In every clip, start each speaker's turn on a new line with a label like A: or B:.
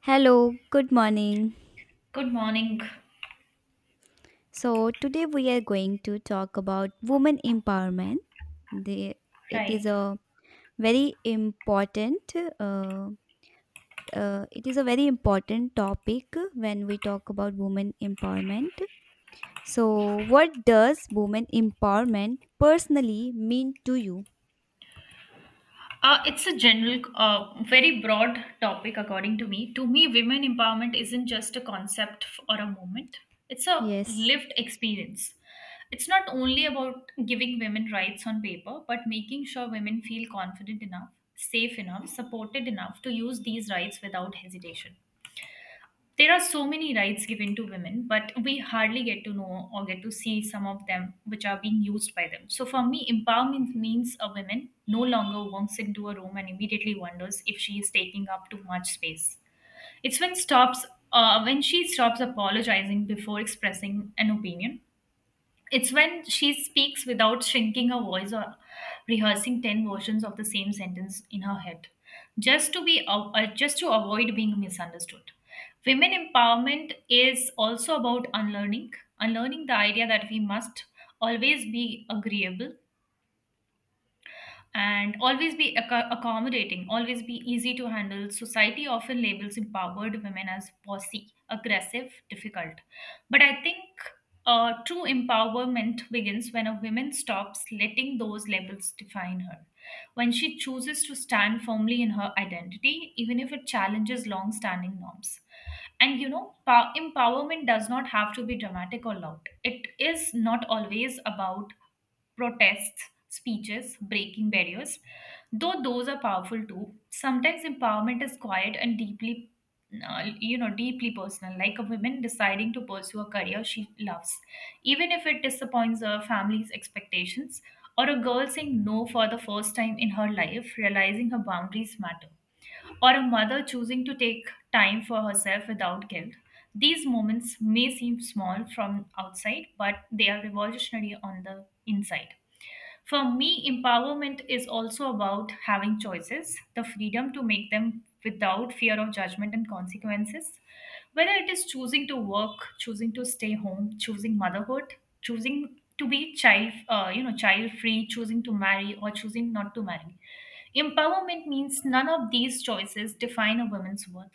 A: Hello, good morning.
B: Good morning.
A: So, today we are going to talk about women empowerment. The, it is
B: Right.
A: a very important uh, it is a very important topic when we talk about women empowerment. So, what does women empowerment personally mean to you?
B: It's a general, very broad topic, according to me. To me, women empowerment isn't just a concept or a moment, it's a
A: Yes,
B: lived experience. It's not only about giving women rights on paper, but making sure women feel confident enough, safe enough, supported enough to use these rights without hesitation. There are so many rights given to women, but we hardly get to know or get to see some of them which are being used by them. So for me, empowerment means a woman no longer walks into a room and immediately wonders if she is taking up too much space. It's when stops When she stops apologizing before expressing an opinion, it's when she speaks without shrinking her voice or rehearsing 10 versions of the same sentence in her head just to be just to avoid being misunderstood. Women empowerment is also about unlearning, unlearning the idea that we must always be agreeable and always be accommodating, always be easy to handle. Society often labels empowered women as bossy, aggressive, difficult. But I think true empowerment begins when a woman stops letting those labels define her. When she chooses to stand firmly in her identity, even if it challenges long standing norms. And you know, empowerment does not have to be dramatic or loud. It is not always about protests, speeches, breaking barriers, though those are powerful too. Sometimes empowerment is quiet and deeply personal, like a woman deciding to pursue a career she loves, even if it disappoints her family's expectations, or a girl saying no for the first time in her life, realizing her boundaries matter, or a mother choosing to take time for herself without guilt. These moments may seem small from outside, but they are revolutionary on the inside. For me, empowerment is also about having choices, the freedom to make them without fear of judgment and consequences. Whether it is choosing to work, choosing to stay home, choosing motherhood, choosing to be child free, choosing to marry or choosing not to marry. Empowerment means none of these choices define a woman's worth.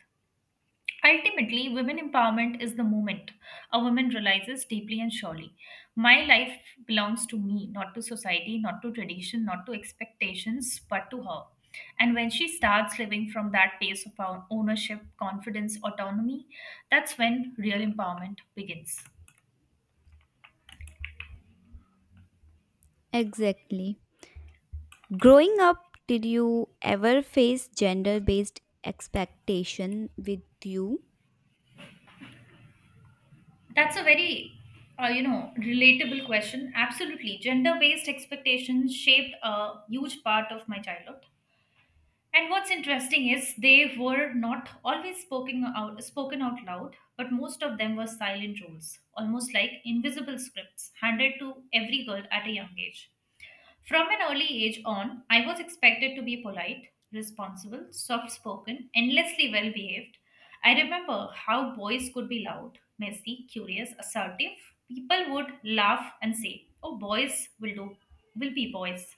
B: Ultimately, women empowerment is the moment a woman realizes deeply and surely my life belongs to me, not to society, not to tradition, not to expectations, but to her. And when she starts living from that place of ownership, confidence, autonomy, that's when real empowerment begins.
A: exactly. Growing up, did you ever face gender based expectation with you?
B: That's a very relatable question. Absolutely, gender based expectations shaped a huge part of my childhood. And what's interesting is they were not always spoken out loud, but most of them were silent roles, almost like invisible scripts handed to every girl at a young age. From an early age on, I was expected to be polite, responsible, soft spoken, endlessly well behaved. I remember how boys could be loud, messy, curious, assertive. People would laugh and say, "Oh, will be boys."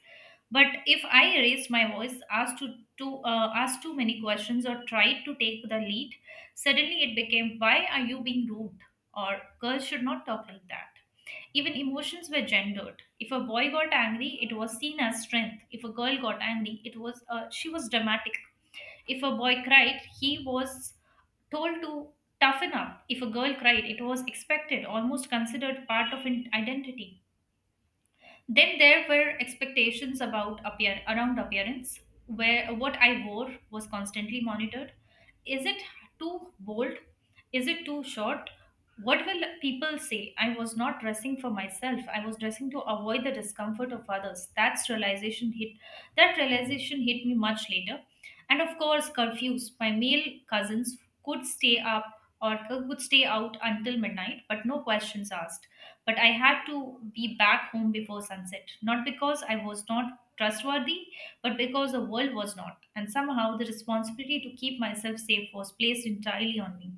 B: But if I raised my voice, asked too many questions, or tried to take the lead, suddenly it became, "Why are you being rude?" Or, "Girls should not talk like that." Even emotions were gendered. If a boy got angry, it was seen as strength. If a girl got angry, it was she was dramatic. If a boy cried, he was told to toughen up. If a girl cried, it was expected, almost considered part of identity. Then there were expectations about appearance, where what I wore was constantly monitored. Is it too bold? Is it too short? What will people say? I was not dressing for myself. I was dressing to avoid the discomfort of others. That realization hit me much later. And of course, curfews. My male cousins could stay up or could stay out until midnight, but no questions asked. But I had to be back home before sunset, not because I was not trustworthy, but because the world was not. And somehow the responsibility to keep myself safe was placed entirely on me.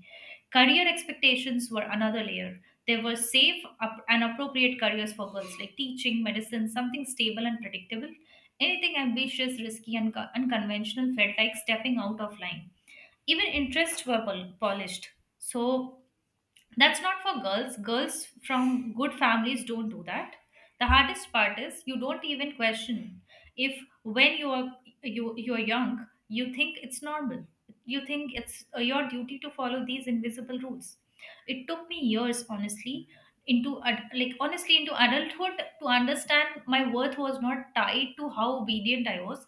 B: Career expectations were another layer. There were safe and appropriate careers for girls like teaching, medicine, something stable and predictable. Anything ambitious, risky, and unconventional felt like stepping out of line. Even interests were polished. So that's not for girls, girls from good families don't do that. The hardest part is you don't even question if, when you are, you're young, you think it's normal. You think it's your duty to follow these invisible rules. It took me years, honestly, into ad- like honestly into adulthood to understand my worth was not tied to how obedient I was,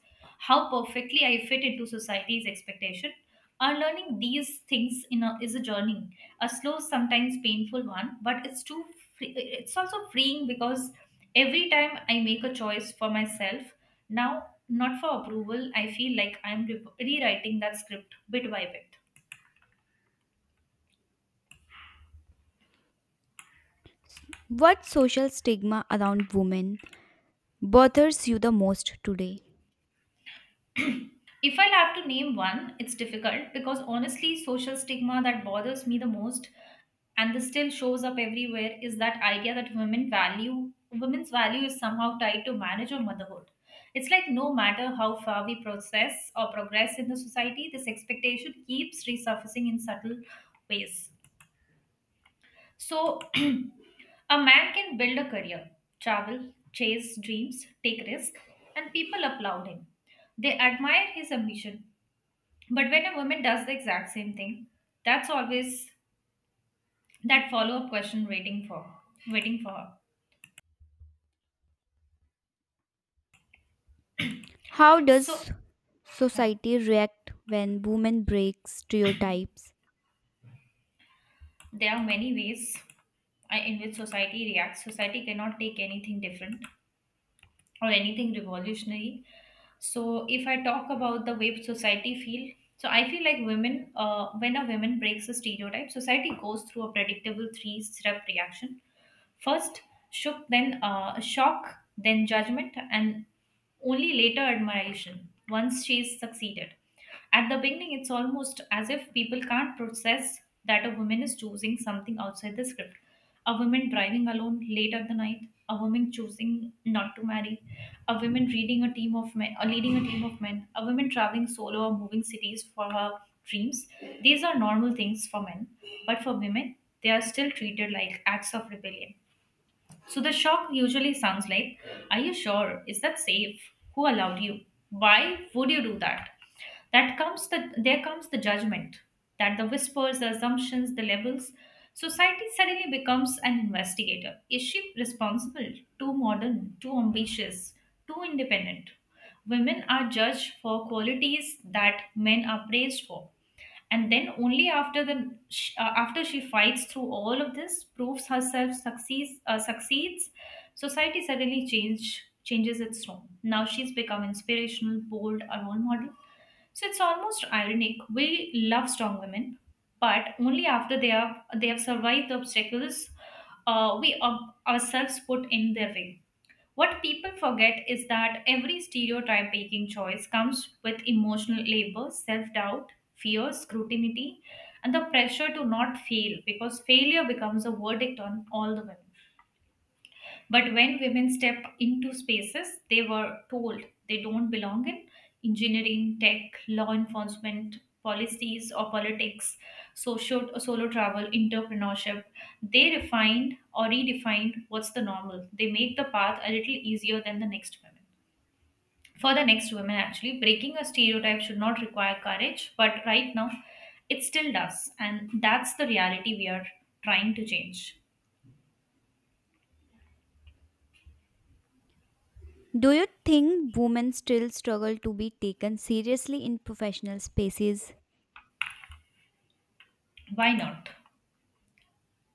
B: how perfectly I fit into society's expectation. Unlearning these things is a journey, a slow, sometimes painful one, but it's it's also freeing, because every time I make a choice for myself now, not for approval, I feel like I'm rewriting that script bit by bit.
A: What social stigma around women bothers you the most today?
B: If I'll have to name one, it's difficult, because honestly, social stigma that bothers me the most and this still shows up everywhere is that idea that women's value is somehow tied to marriage or motherhood. It's like no matter how far we process or progress in the society, this expectation keeps resurfacing in subtle ways. So a man can build a career, travel, chase dreams, take risks, and people applaud him. They admire his ambition, but when a woman does the exact same thing, that's always that follow up question waiting for her.
A: How
B: So
A: does
B: yeah,
A: society react when women break stereotypes?
B: there are many ways in which society reacts. Society cannot take anything different or anything revolutionary. So if I talk about the way society feel, so I feel like when a woman breaks a stereotype, society goes through a predictable three-step reaction. First shook, then shock, then judgment, and only later admiration. Once she's succeeded, at the beginning, it's almost as if people can't process that a woman is choosing something outside the script. A woman driving alone late at the night, a woman choosing not to marry, a woman reading a team of men, or leading a team of men, a woman traveling solo or moving cities for her dreams. These are normal things for men, but for women, they are still treated like acts of rebellion. So the shock usually sounds like, "Are you sure? Is that safe? Who allowed you? Why would you do that?" That comes the There comes the judgment, that the whispers, the assumptions, the labels. Society suddenly becomes an investigator. Is she responsible? Too modern, too ambitious, too independent. Women are judged for qualities that men are praised for, and then only after after she fights through all of this, proves herself, succeeds, society suddenly changes its tone. Now she's become inspirational, bold, a role model. So it's almost ironic, we love strong women, but only after they have survived the obstacles ourselves put in their way. What people forget is that every stereotype making choice comes with emotional labor, self doubt, fear, scrutiny, and the pressure to not fail, because failure becomes a verdict on all the women. But when women step into spaces they were told they don't belong in, engineering, tech, law enforcement, policies or politics, social solo travel, entrepreneurship, they refined or redefined what's the normal. They make the path a little easier than the next women. For the next women actually, breaking a stereotype should not require courage, but right now it still does. And that's the reality we are trying to change.
A: Do you think women still struggle to be taken seriously in professional spaces?
B: Why not?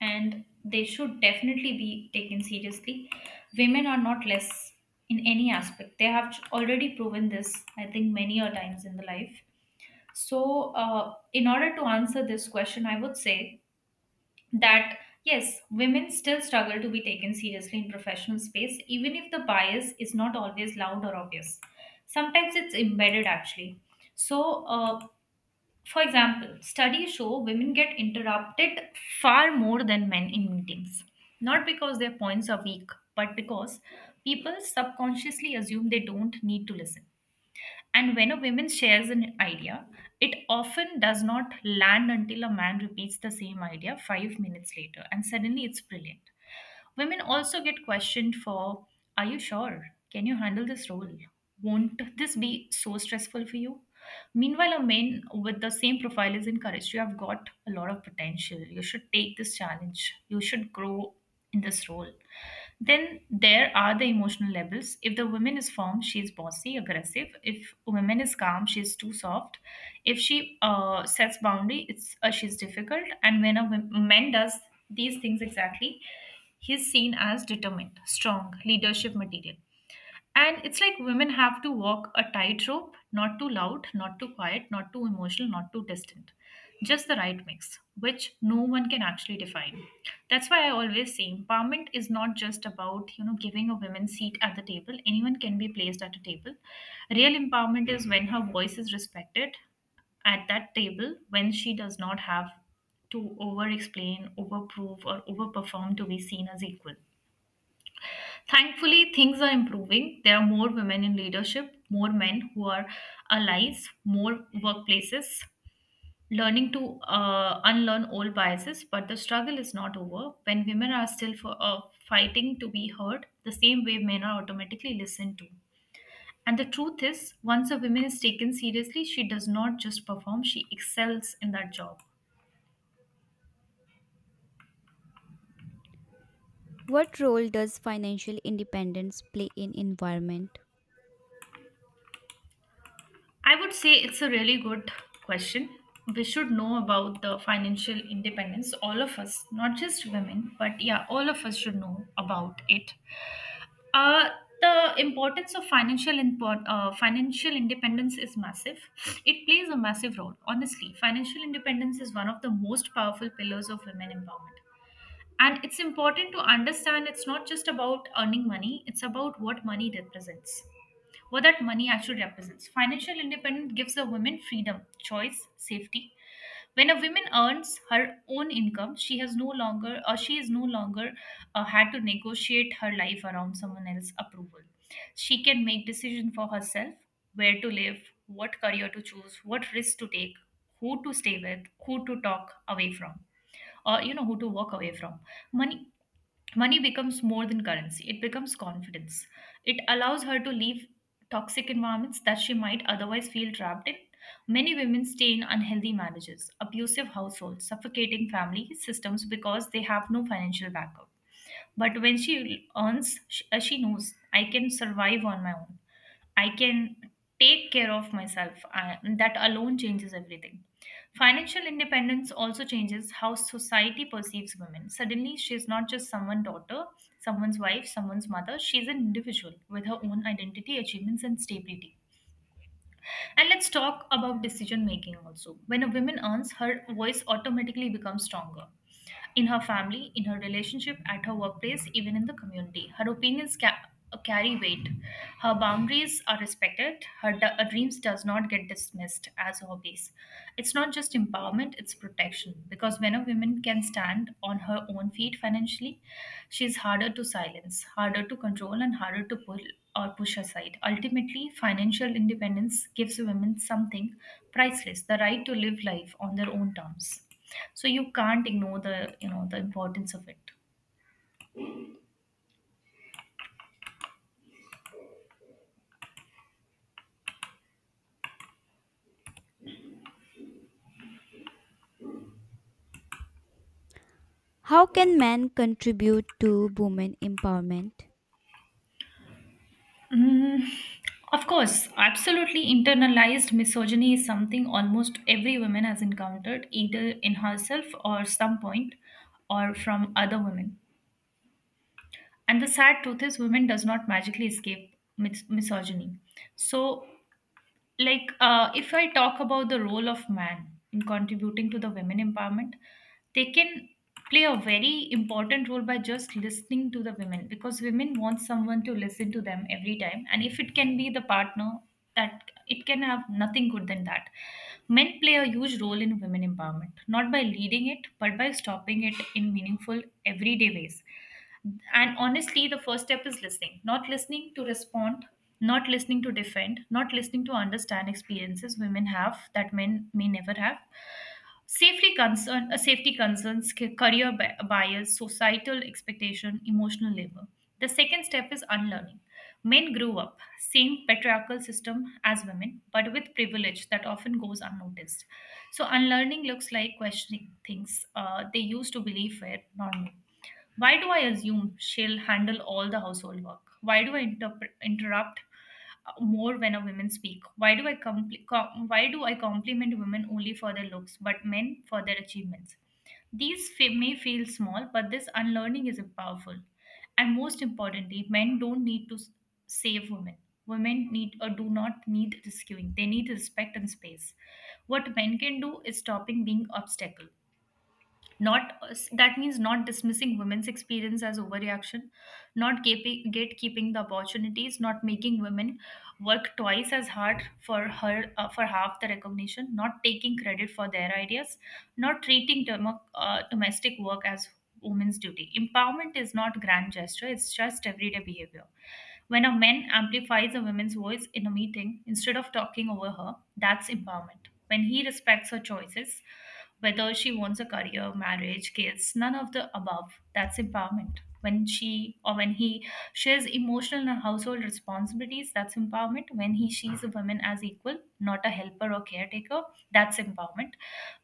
B: And they should definitely be taken seriously. Women are not less in any aspect. They have already proven this, I think, many a times in the life. So, in order to answer this question, I would say that yes, women still struggle to be taken seriously in professional space, even if the bias is not always loud or obvious. Sometimes it's embedded actually. So, for example, studies show women get interrupted far more than men in meetings, not because their points are weak, but because people subconsciously assume they don't need to listen. And when a woman shares an idea, it often does not land until a man repeats the same idea 5 minutes later, and suddenly it's brilliant. Women also get questioned for, "Are you sure? Can you handle this role? Won't this be so stressful for you?" Meanwhile, a man with the same profile is encouraged. "You have got a lot of potential. You should take this challenge. You should grow in this role." Then there are the emotional labels. If the woman is firm, she is bossy, aggressive. If woman is calm, she is too soft. If she sets boundary, it's she's difficult. And when a man does these things exactly, he's seen as determined, strong, leadership material. And it's like women have to walk a tightrope, not too loud, not too quiet, not too emotional, not too distant. Just the right mix, which no one can actually define. That's why I always say empowerment is not just about, giving a woman seat at the table. Anyone can be placed at a table. Real empowerment is when her voice is respected at that table, when she does not have to over explain, over or overperform to be seen as equal. Thankfully, things are improving. There are more women in leadership, more men who are allies, more workplaces learning to unlearn old biases. But the struggle is not over. When women are still fighting to be heard, the same way men are automatically listened to. And the truth is, once a woman is taken seriously, she does not just perform, she excels in that job.
A: What role does financial independence play in environment?
B: I would say it's a really good question. We should know about the financial independence, all of us, not just women, but yeah, all of us should know about it. Uh, the importance of financial independence is massive. It plays a massive role. Honestly, financial independence is one of the most powerful pillars of women empowerment. And it's important to understand it's not just about earning money, it's about what that money actually represents. Financial independence gives a woman freedom, choice, safety. When a woman earns her own income, she is no longer had to negotiate her life around someone else's approval. She can make decision for herself, where to live, what career to choose, what risk to take, who to stay with, who to talk away from, or who to walk away from. Money Money becomes more than currency, it becomes confidence. It allows her to leave toxic environments that she might otherwise feel trapped in. Many women stay in unhealthy marriages, abusive households, suffocating family systems because they have no financial backup. But when she earns, she knows, I can survive on my own. I can take care of myself. That alone changes everything. Financial independence also changes how society perceives women. Suddenly, she is not just someone's daughter, someone's wife, someone's mother. She's an individual with her own identity, achievements, and stability. And let's talk about decision making also. When a woman earns, her voice automatically becomes stronger in her family, in her relationship, at her workplace, even in the community. Her carry weight. Her boundaries are respected. Her dreams does not get dismissed as hobbies. It's not just empowerment; it's protection. Because when a woman can stand on her own feet financially, she's harder to silence, harder to control, and harder to pull or push aside. Ultimately, financial independence gives women something priceless: the right to live life on their own terms. So you can't ignore the the importance of it.
A: How can men contribute to women empowerment?
B: Mm, of course, absolutely internalized misogyny is something almost every woman has encountered, either in herself or some point, or from other women. And the sad truth is, women does not magically escape misogyny. So if I talk about the role of man in contributing to the women empowerment they can play a very important role by just listening to the women because women want someone to listen to them every time and if it can be the partner that it can have nothing good than that. Men play a huge role in women empowerment, not by leading it but by stopping it in meaningful everyday ways. And honestly, the first step is listening. Not listening to respond, not listening to defend, not listening to understand experiences women have that men may never have. Safety concerns, career bias, societal expectation, emotional labor. The second step is unlearning. Men grew up same patriarchal system as women, but with privilege that often goes unnoticed. So unlearning looks like questioning things they used to believe were normal. Why do I assume she'll handle all the household work? Why do I interrupt more when a woman speak? Why do I why do I compliment women only for their looks, but men for their achievements? May feel small, but this unlearning is powerful. And most importantly, men don't need to s- save women. Women need or do not need rescuing. They need respect and space. What men can do is stopping being obstacle, not that means not dismissing women's experience as overreaction, not gatekeeping the opportunities, not making women work twice as hard for her for half the recognition, not taking credit for their ideas, not treating domestic work as women's duty. Empowerment is not grand gesture, it's just everyday behavior. When a man amplifies a woman's voice in a meeting instead of talking over her, that's empowerment. When he respects her choices whether she wants a career, marriage, kids, none of the above, that's empowerment. When she or when he shares emotional and household responsibilities, that's empowerment. When he sees a woman as equal, not a helper or caretaker, that's empowerment.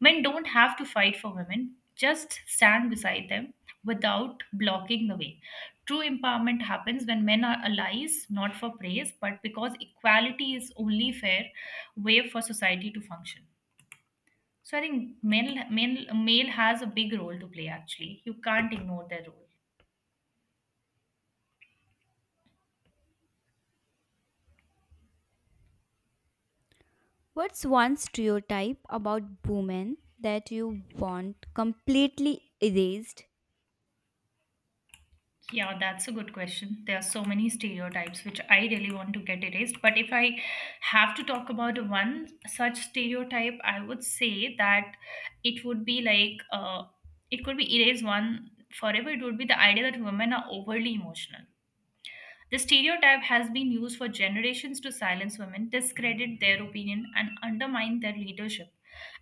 B: Men don't have to fight for women, just stand beside them without blocking the way. True empowerment happens when men are allies, not for praise, but because equality is only fair way for society to function. So I think male has a big role to play actually. You can't ignore their role.
A: What's one stereotype about women that you want completely erased?
B: Yeah, that's a good question. There are so many stereotypes which I really want to get erased. But if I have to talk about one such stereotype, I would say that it would be it could be erased one forever. It would be the idea that women are overly emotional. The stereotype has been used for generations to silence women, discredit their opinion, and undermine their leadership.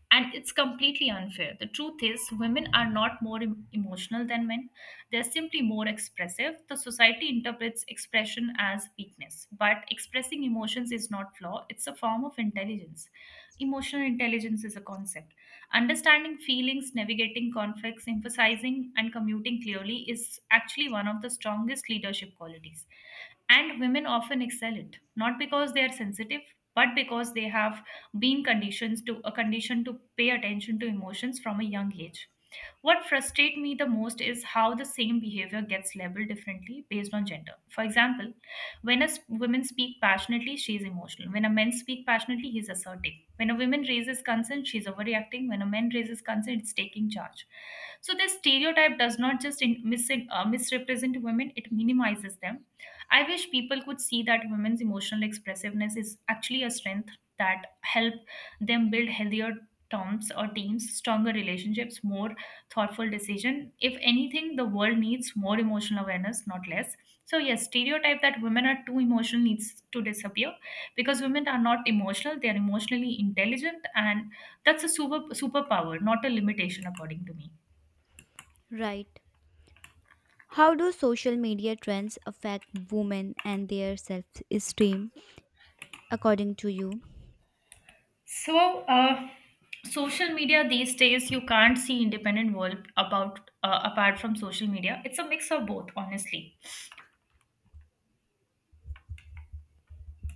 B: And it's completely unfair. The truth is, women are not more emotional than men, they're simply more expressive. The society interprets expression as weakness, but expressing emotions is not flaw, it's a form of intelligence. Emotional intelligence is a concept. Understanding feelings, navigating conflicts, emphasizing, and commuting clearly is actually one of the strongest leadership qualities, and women often excel it not because they are sensitive but because they have been condition to pay attention to emotions from a young age. What frustrates me the most is how the same behavior gets labeled differently based on gender. For example, when a woman speak passionately she is emotional, when a man speak passionately he is assertive. When a woman raises concern she is overreacting, when a man raises concern it's taking charge. So this stereotype does not just misrepresent women, it minimizes them. I wish people could see that women's emotional expressiveness is actually a strength that help them build healthier terms or teams, stronger relationships, more thoughtful decision. If anything, the world needs more emotional awareness, not less. So yes, stereotype that women are too emotional needs to disappear because women are not emotional; they are emotionally intelligent, and that's a superpower, not a limitation, according to me.
A: Right. How do social media trends affect women and their self-esteem according to you?
B: So, uh, social media these days, you can't see independent world about apart from social media. It's a mix of both, honestly.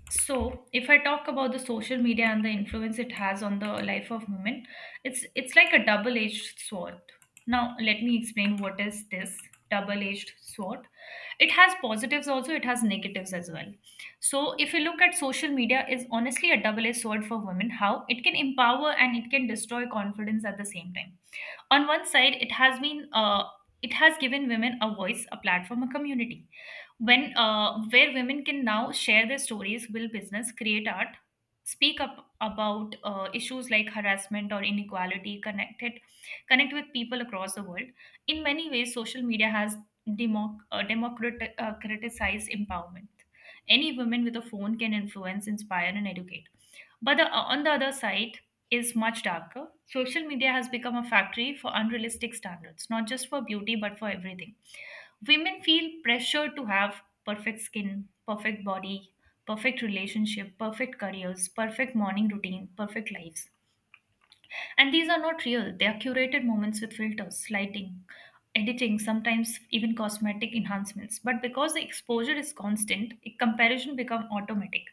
B: So, if I talk about the social media and the influence it has on the life of women, it's like a double-edged sword. Now, let me explain what is this double-edged sword. It has positives also, it has negatives as well. So, if you look at social media, is honestly a double-edged sword for women. How it can empower and it can destroy confidence at the same time. On one side it has given women a voice, a platform, a community, when where women can now share their stories, build business, create art, speak up about issues like harassment or inequality, connect with people across the world. In many ways, social media has democratized empowerment. Any woman with a phone can influence, inspire and educate. But on the other side is much darker. Social media has become a factory for unrealistic standards, not just for beauty, but for everything. Women feel pressure to have perfect skin, perfect body, perfect relationship, perfect careers, perfect morning routine, perfect lives. And these are not real, they are curated moments with filters, lighting, editing, sometimes even cosmetic enhancements. But because the exposure is constant, comparison becomes automatic.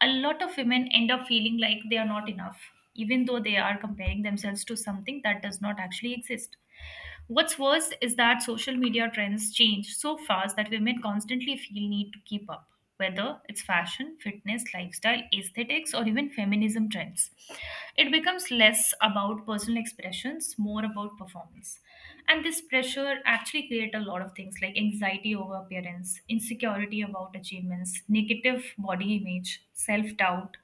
B: A lot of women end up feeling like they are not enough, even though they are comparing themselves to something that does not actually exist. What's worse is that social media trends change so fast that women constantly feel need to keep up, whether it's fashion, fitness, lifestyle, aesthetics, or even feminism trends. It becomes less about personal emotional expressions, more about performance, and this pressure actually create a lot of things like anxiety over appearance, insecurity about achievements, negative body image, self-doubt,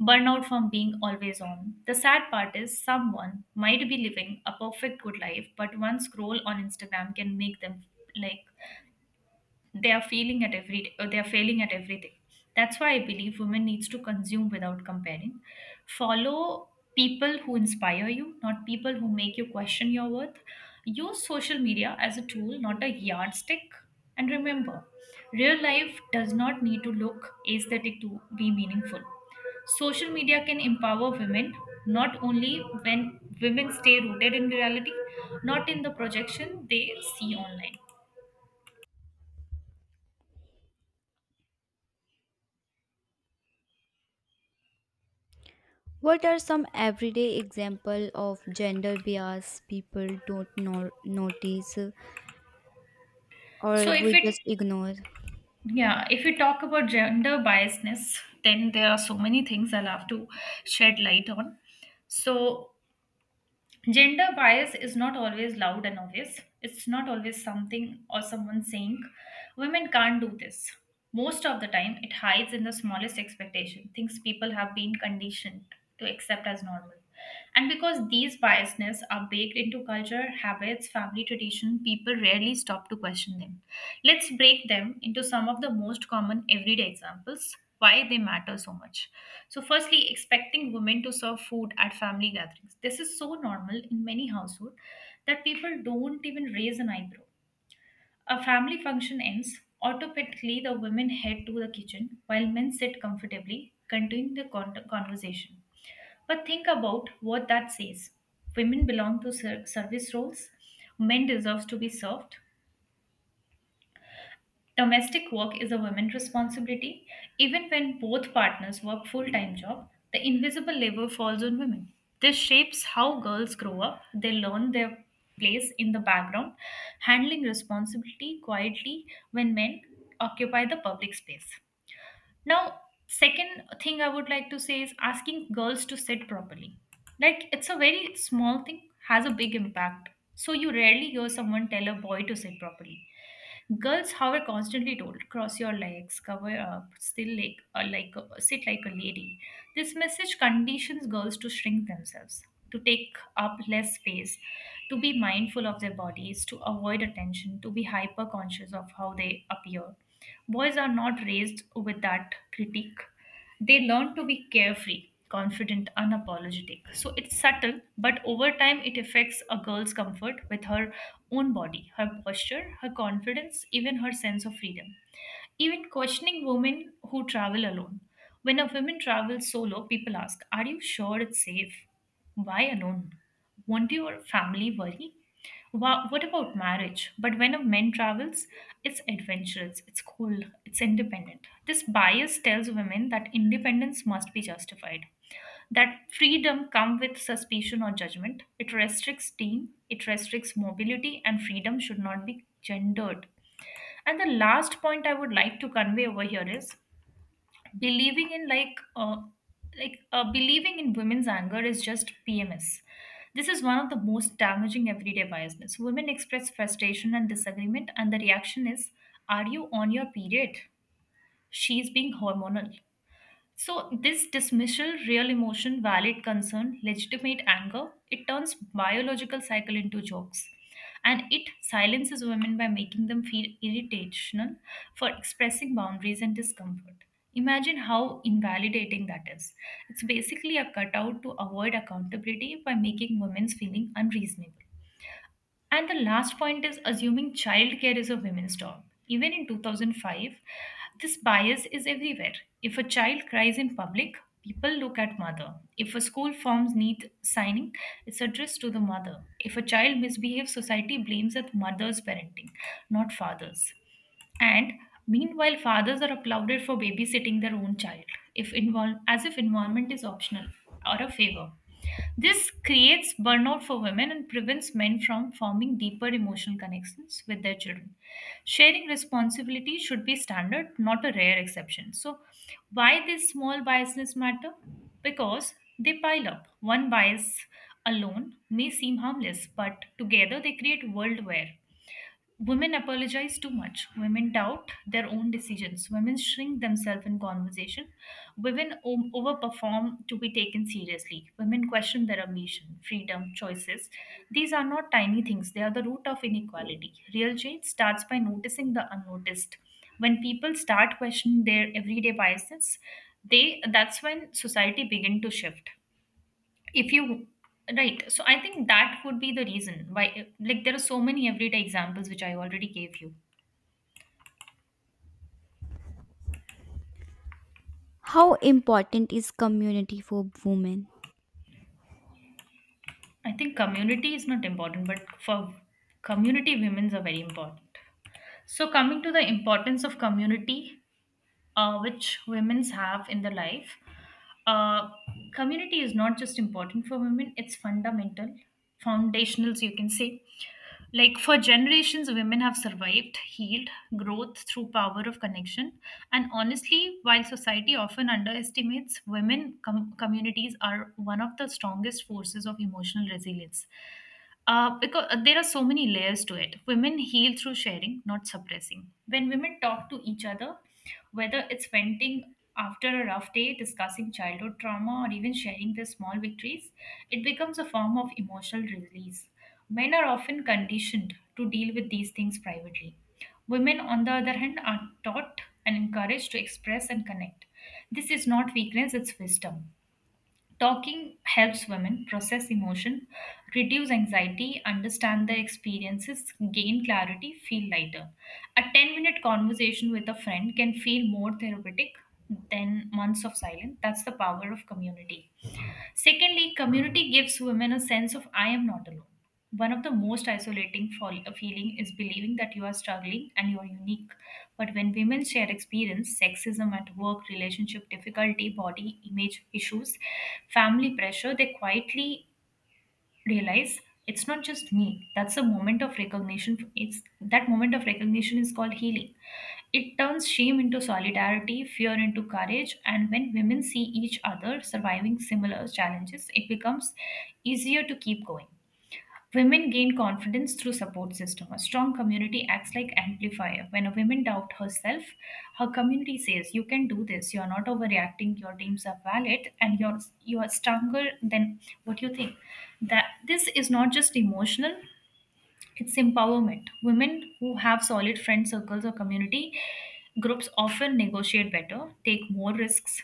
B: burnout from being always on. The sad part is someone might be living a perfect good life, but one scroll on Instagram can make them like they are failing at everything. That's why I believe women needs to consume without comparing. Follow people who inspire you, not people who make you question your worth. Use social media as a tool, not a yardstick. And remember, real life does not need to look aesthetic to be meaningful. Social media can empower women, not only when women stay rooted in reality, not in the projection they see online.
A: What are some everyday example of gender bias people don't notice, or
B: So if
A: we
B: it
A: just ignore?
B: Yeah, if we talk about gender biasness, then there are so many things I'll have to shed light on. So, gender bias is not always loud and obvious. It's not always something or someone saying, women can't do this. Most of the time, it hides in the smallest expectation, things people have been conditioned to accept as normal. And because these biasness are baked into culture, habits, family tradition, people rarely stop to question them. Let's break them into some of the most common everyday examples why they matter so much. So, firstly, expecting women to serve food at family gatherings. This is so normal in many households that people don't even raise an eyebrow. A family function ends, automatically the women head to the kitchen while men sit comfortably, continuing the conversation. But think about what that says. Women belong to service roles, men deserve to be served, domestic work is a woman's responsibility. Even when both partners work full-time job, the invisible labor falls on women. This shapes how girls grow up. They learn their place in the background, handling responsibility quietly when men occupy the public space. Now, second thing I would like to say is asking girls to sit properly. Like it's a very small thing, has a big impact. So you rarely hear someone tell a boy to sit properly. Girls, however, constantly told cross your legs, cover up, still sit like a lady. This message conditions girls to shrink themselves, to take up less space, to be mindful of their bodies, to avoid attention, to be hyper conscious of how they appear. Boys are not raised with that critique. They learn to be carefree, confident, unapologetic. So it's subtle, but over time it affects a girl's comfort with her own body, her posture, her confidence, even her sense of freedom. Even questioning women who travel alone. When a woman travels solo, people ask, "Are you sure it's safe? Why alone? Won't your family worry? Wow, what about marriage?" But when a man travels, it's adventurous, it's cool, it's independent. This bias tells women that independence must be justified, that freedom come with suspicion or judgment. It restricts team, it restricts mobility, and freedom should not be gendered. And the last point I would like to convey over here is believing in like uh, believing in women's anger is just PMS. This is one of the most damaging everyday biases. Women express frustration and disagreement, and the reaction is, "Are you on your period? She's being hormonal." So, this dismissal, real emotion, valid concern, legitimate anger, it turns biological cycle into jokes. And it silences women by making them feel irritational for expressing boundaries and discomfort. Imagine how invalidating that is. It's basically a cutout to avoid accountability by making women's feeling unreasonable. And the last point is assuming childcare is a women's job. Even in 2005, this bias is everywhere. If a child cries in public, people look at mother. If a school forms need signing, it's addressed to the mother. If a child misbehaves, society blames at mother's parenting, not father's. And meanwhile, fathers are applauded for babysitting their own child, if involve, as if involvement is optional or a favor. This creates burnout for women and prevents men from forming deeper emotional connections with their children. Sharing responsibility should be standard, not a rare exception. So, why these small biases matter? Because they pile up. One bias alone may seem harmless, but together they create world where women apologize too much. Women doubt their own decisions. Women shrink themselves in conversation. Women overperform to be taken seriously. Women question their ambition, freedom, choices. These are not tiny things, they are the root of inequality. Real change starts by noticing the unnoticed. When people start questioning their everyday biases, they that's when society begin to shift. If you Right. So I think that would be the reason why, like, there are so many everyday examples which I already gave you.
A: How important is community for women?
B: I think community is not important, but for community women's are very important. So coming to the importance of community, which women's have in their life, uh, community is not just important for women, it's fundamental, foundational, so you can say. Like, for generations, women have survived, healed, growth through power of connection. And honestly, while society often underestimates, women communities are one of the strongest forces of emotional resilience. Because there are so many layers to it. Women heal through sharing, not suppressing. When women talk to each other, whether it's venting after a rough day, discussing childhood trauma, or even sharing their small victories, it becomes a form of emotional release. Men are often conditioned to deal with these things privately. Women, on the other hand, are taught and encouraged to express and connect. This is not weakness, it's wisdom. Talking helps women process emotion, reduce anxiety, understand their experiences, gain clarity, feel lighter. A 10-minute minute conversation with a friend can feel more therapeutic than months of silence. That's the power of community. Secondly, community gives women a sense of I am not alone. One of the most isolating feeling is believing that you are struggling and you are unique. But when women share experience, sexism at work, relationship difficulty, body image issues, family pressure, they quietly realize it's not just me. That's a moment of recognition. It's that moment of recognition is called healing. It turns shame into solidarity, fear into courage, and when women see each other surviving similar challenges, it becomes easier to keep going. Women gain confidence through support system. A strong community acts like amplifier. When a woman doubt herself, her community says, "You can do this. You are not overreacting. Your dreams are valid, and you are stronger than what you think." That this is not just emotional; it's empowerment. Women who have solid friend circles or community groups often negotiate better, take more risks,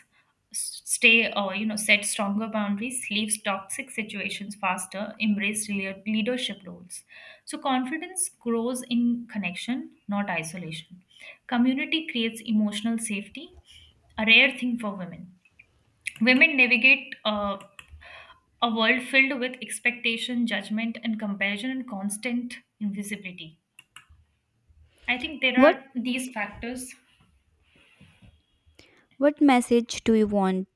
B: stay or set stronger boundaries, leaves toxic situations faster, embrace leadership roles. So confidence grows in connection, not isolation. Community creates emotional safety, a rare thing for women. Women navigate a world filled with expectation, judgment, and comparison, and constant invisibility. I think there
A: What
B: are these factors.
A: what message do you want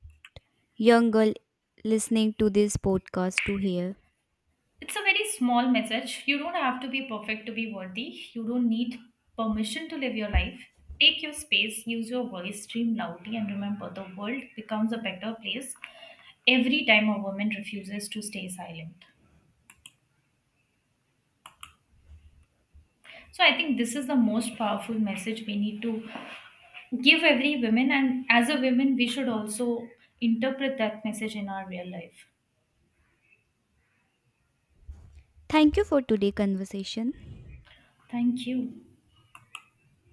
A: young girl listening to this podcast to hear?
B: It's a very small message. You don't have to be perfect to be worthy. You don't need permission to live your life. Take your space, use your voice, scream loudly, and remember the world becomes a better place every time a woman refuses to stay silent. So I think this is the most powerful message we need to give every woman, and as a woman, we should also interpret that message in our real life.
A: Thank you for today conversation.
B: Thank you.